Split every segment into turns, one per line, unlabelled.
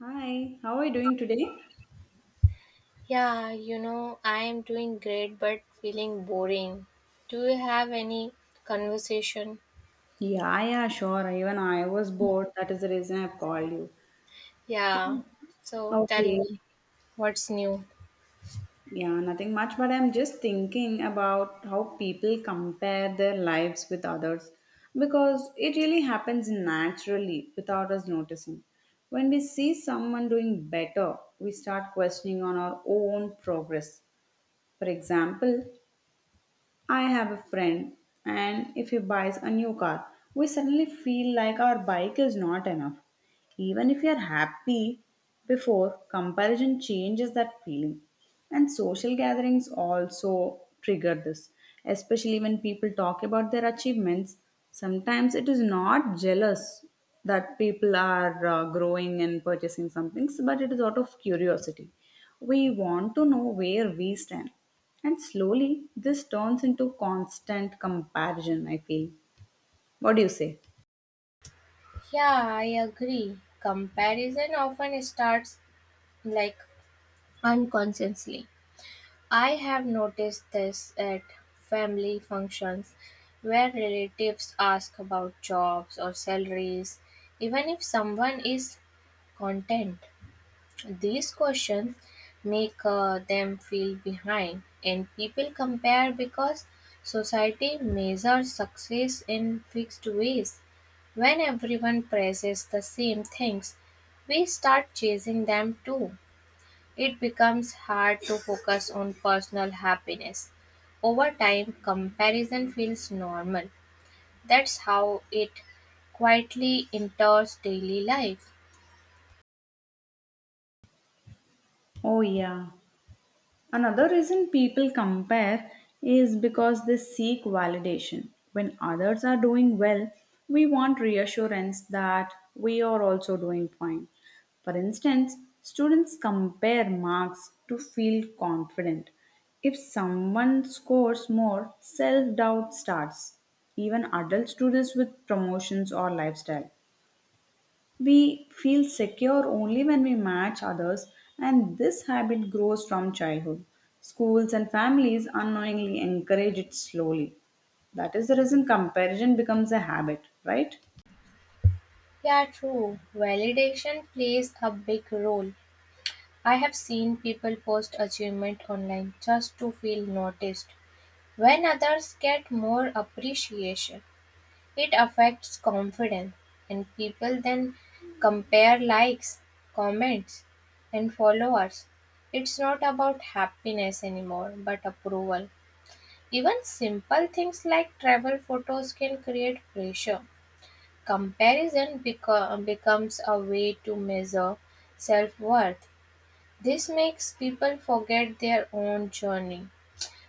Hi, how are you doing today?
Yeah, you know, I am doing great but feeling boring. Do you have any conversation?
Yeah, yeah, sure. Even I was bored. That is the reason I've called you.
Yeah, so tell
Okay.
me what's new.
Yeah, nothing much, but I'm just thinking about how people compare their lives with others because it really happens naturally without us noticing. When we see someone doing better, we start questioning on our own progress. For example, I have a friend, and if he buys a new car, we suddenly feel like our bike is not enough. Even if we are happy before, comparison changes that feeling. And social gatherings also trigger this, especially when people talk about their achievements. Sometimes it is not jealous that people are growing and purchasing some things, but it is out of curiosity. We want to know where we stand. And slowly, this turns into constant comparison, I feel. What do you say?
Yeah, I agree. Comparison often starts like unconsciously. I have noticed this at family functions where relatives ask about jobs or salaries, even if someone is content. These questions make them feel behind, and people compare because society measures success in fixed ways. When everyone praises the same things, we start chasing them too. It becomes hard to focus on personal happiness. Over time, comparison feels normal. That's how it quietly enters daily life.
Oh, yeah. Another reason people compare is because they seek validation. When others are doing well, we want reassurance that we are also doing fine. For instance, students compare marks to feel confident. If someone scores more, self doubt starts. Even adults do this with promotions or lifestyle. We feel secure only when we match others, and this habit grows from childhood. Schools and families unknowingly encourage it slowly. That is the reason comparison becomes a habit, right?
Yeah, true. Validation plays a big role. I have seen people post achievement online just to feel noticed. When others get more appreciation, it affects confidence, and people then compare likes, comments, and followers. It's not about happiness anymore, but approval. Even simple things like travel photos can create pressure. Becomes a way to measure self worth. This makes people forget their own journey.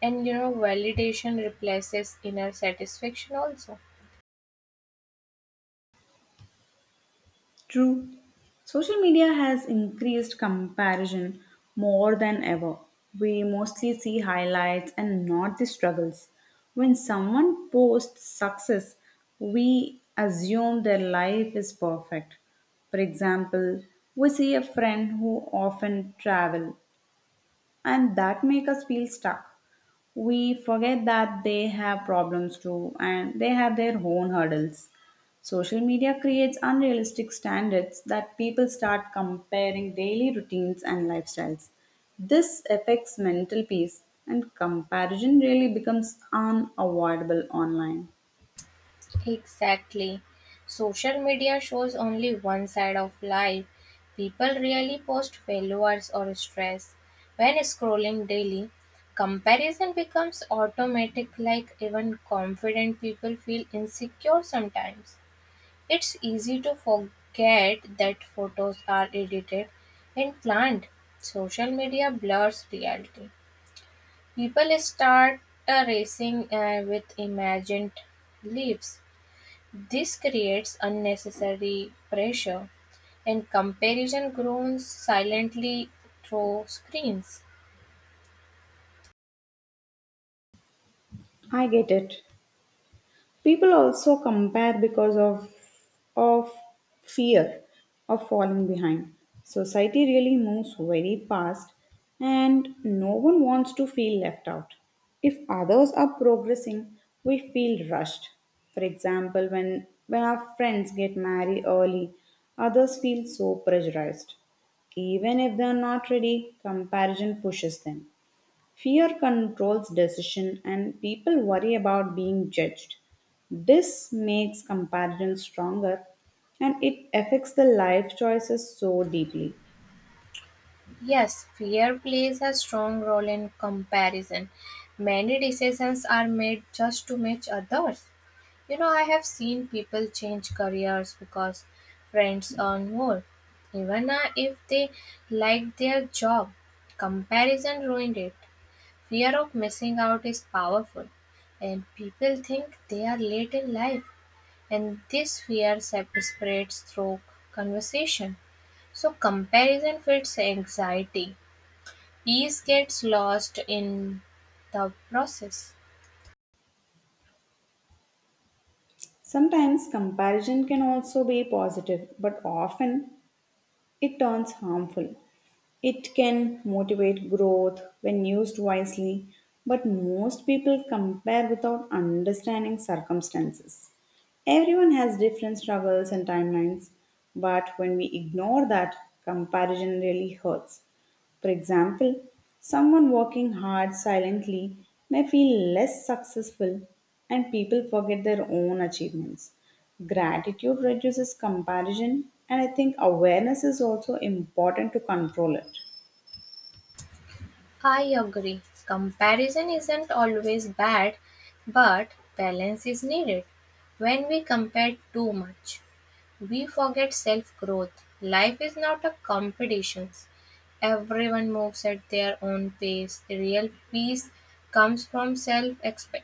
And you know, validation replaces inner satisfaction also.
True. Social media has increased comparison more than ever. We mostly see highlights and not the struggles. When someone posts success, we assume their life is perfect. For example, we see a friend who often travel and that make us feel stuck. We forget that they have problems too and they have their own hurdles. Social media creates unrealistic standards that people start comparing daily routines and lifestyles. This affects mental peace and comparison really becomes unavoidable online.
Exactly. Social media shows only one side of life. People really post failures or stress. When scrolling daily, comparison becomes automatic, like even confident people feel insecure sometimes. It's easy to forget that photos are edited and planned. Social media blurs reality. People start racing with imagined lives. This creates unnecessary pressure and comparison grows silently through screens.
I get it. People also compare because of fear of falling behind. Society really moves very fast and no one wants to feel left out. If others are progressing, we feel rushed. For example, when our friends get married early, others feel so pressurized. Even if they are not ready, comparison pushes them. Fear controls decision and people worry about being judged. This makes comparison stronger and it affects the life choices so deeply.
Yes, fear plays a strong role in comparison. Many decisions are made just to match others. You know, I have seen people change careers because friends earn more, even if they like their job. Comparison ruined it. Fear of missing out is powerful, and people think they are late in life, and this spreads through conversation. So, comparison feeds anxiety. Peace gets lost in the process.
Sometimes comparison can also be positive, but often it turns harmful. It can motivate growth when used wisely, but most people compare without understanding circumstances. Everyone has different struggles and timelines, but when we ignore that, comparison really hurts. For example, someone working hard silently may feel less successful and people forget their own achievements. Gratitude reduces comparison, and I think awareness is also important to control it.
I agree. Comparison isn't always bad, but balance is needed. When we compare too much, we forget self growth. Life is not a competition. Everyone moves at their own pace. The real peace comes from self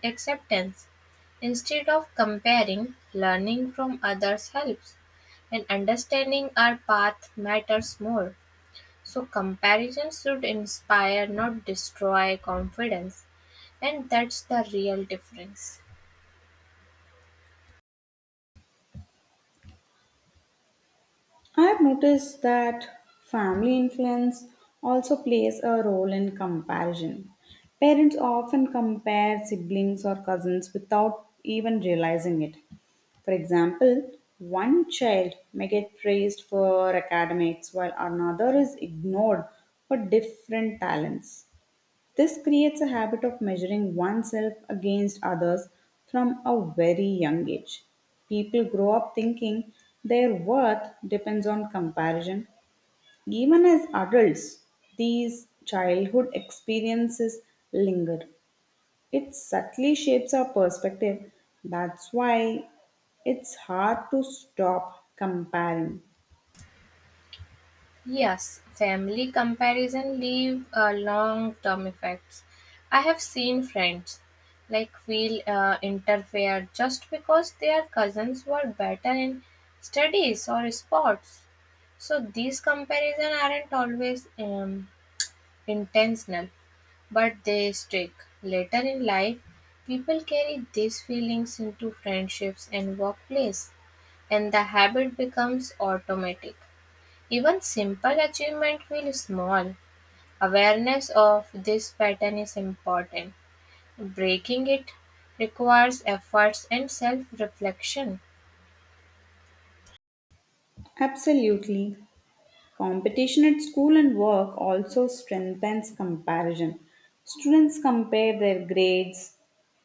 acceptance. Instead of comparing, learning from others helps, and understanding our path matters more. So comparisons should inspire, not destroy confidence. And that's the real difference.
I've noticed that family influence also plays a role in comparison. Parents often compare siblings or cousins without even realizing it. For example, one child may get praised for academics while another is ignored for different talents. This creates a habit of measuring oneself against others from a very young age. People grow up thinking their worth depends on comparison. Even as adults, these childhood experiences linger. It subtly shapes our perspective. That's why it's hard to stop comparing.
Yes, family comparison leave long-term effects. I have seen friends like feel interfere just because their cousins were better in studies or sports. So these comparison aren't always intentional, but they stick. Later in life, people carry these feelings into friendships and workplace, and the habit becomes automatic. Even simple achievement feels small. Awareness of this pattern is important. Breaking it requires efforts and self reflection.
Absolutely. Competition at school and work also strengthens comparison. Students compare their grades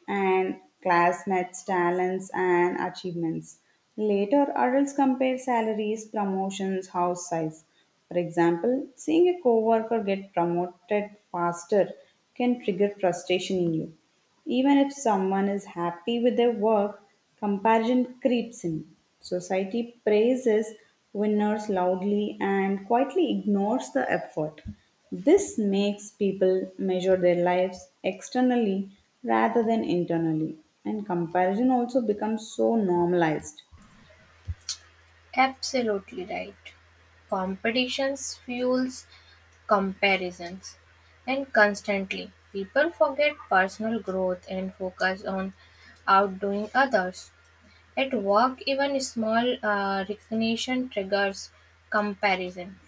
and classmates' talents and achievements. Later, adults compare salaries, promotions, house size. For example, seeing a coworker get promoted faster can trigger frustration in you. Even if someone is happy with their work, comparison creeps in. Society praises winners loudly and quietly ignores the effort. This makes people measure their lives externally rather than internally, and comparison also becomes so normalized.
Absolutely right. Competitions fuels comparisons, and constantly people forget personal growth and focus on outdoing others. At work, even small recognition triggers comparison,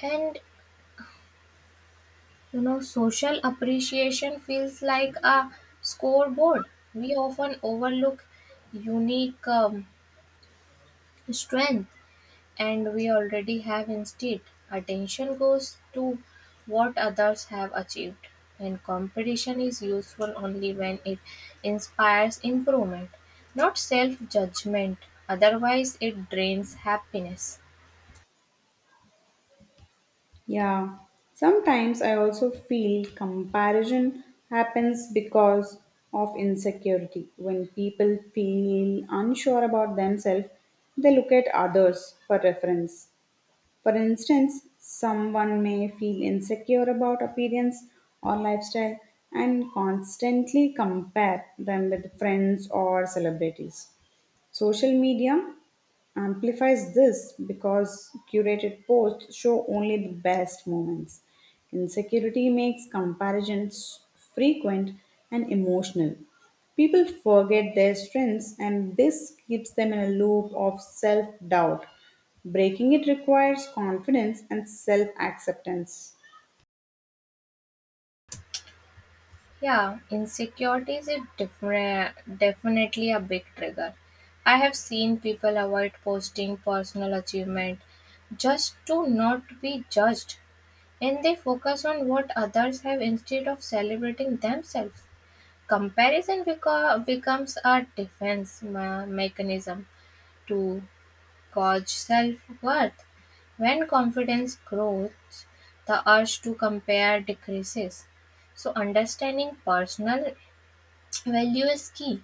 and you know, social appreciation feels like a scoreboard. We often overlook unique strength and we already have instead attention goes to what others have achieved, and competition is useful only when it inspires improvement, not self-judgment. Otherwise it drains happiness.
Yeah, sometimes I also feel comparison happens because of insecurity. When people feel unsure about themselves, they look at others for reference. For instance, someone may feel insecure about appearance or lifestyle and constantly compare them with friends or celebrities. Social media amplifies this because curated posts show only the best moments. Insecurity makes comparisons frequent and emotional. People forget their strengths, and this keeps them in a loop of self doubt. Breaking it requires confidence and self acceptance.
Yeah, insecurity is definitely a big trigger. I have seen people avoid posting personal achievement just to not be judged. And they focus on what others have instead of celebrating themselves. Becomes a mechanism to gauge self worth. When confidence grows, the urge to compare decreases. So, understanding personal value is key.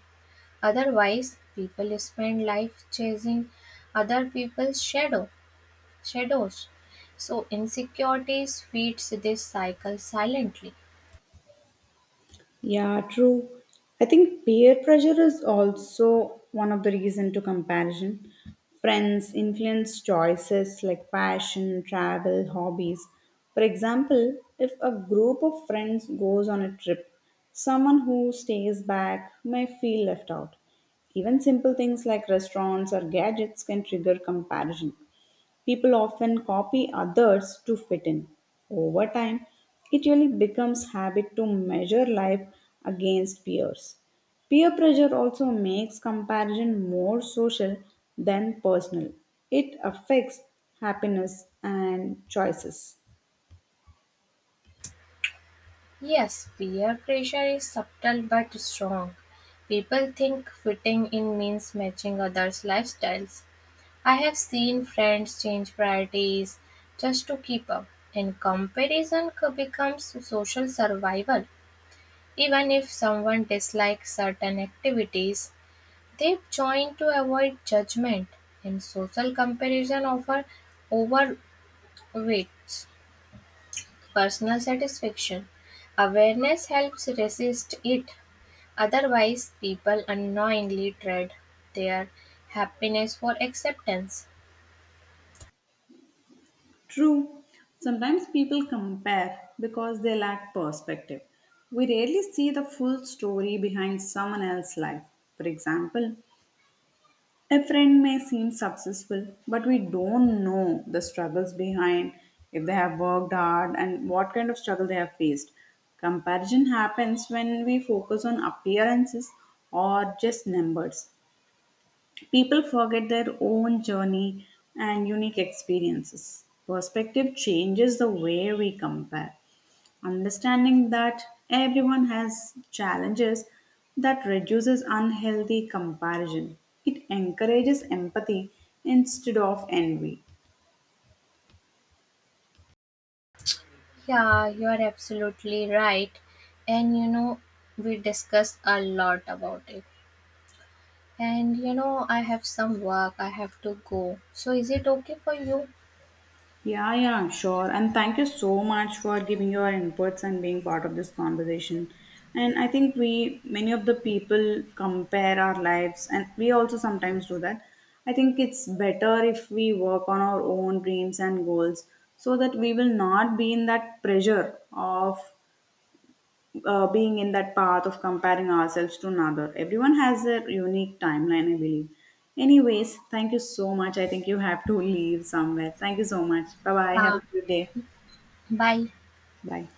Otherwise, people spend life chasing other people's shadows. So, insecurities feeds this cycle silently.
Yeah, true. I think peer pressure is also one of the reason to comparison. Friends influence choices like passion, travel, hobbies. For example, if a group of friends goes on a trip, someone who stays back may feel left out. Even simple things like restaurants or gadgets can trigger comparison. People often copy others to fit in. Over time, it really becomes habit to measure life against peers. Peer pressure also makes comparison more social than personal. It affects happiness and choices.
Yes, peer pressure is subtle but strong. People think fitting in means matching others' lifestyles. I have seen friends change priorities just to keep up, and becomes social survival. Even if someone dislikes certain activities, they join to avoid judgment, and social comparison often overweights personal satisfaction. Awareness helps resist it. Otherwise, people unknowingly trade their happiness for acceptance.
True, sometimes people compare because they lack perspective. We rarely see the full story behind someone else's life. For example, a friend may seem successful, but we don't know the struggles behind, if they have worked hard, and what kind of struggle they have faced. Comparison happens when we focus on appearances or just numbers. People forget their own journey and unique experiences. Perspective changes the way we compare. Understanding that everyone has challenges that reduces unhealthy comparison. It encourages empathy instead of envy.
Yeah, you are absolutely right. And you know, we discussed a lot about it. And you know, I have some work, I have to go. So, is it okay for you?
Yeah, yeah, I'm sure. And thank you so much for giving your inputs and being part of this conversation. And I think we, many of the people compare our lives, and we also sometimes do that. I think it's better if we work on our own dreams and goals so that we will not be in that pressure of being in that path of comparing ourselves to another. Everyone has their unique timeline, I believe. Anyways, thank you so much. I think you have to leave somewhere. Thank you so much. Bye bye. Have
Yeah,
a good day.
bye.
Bye.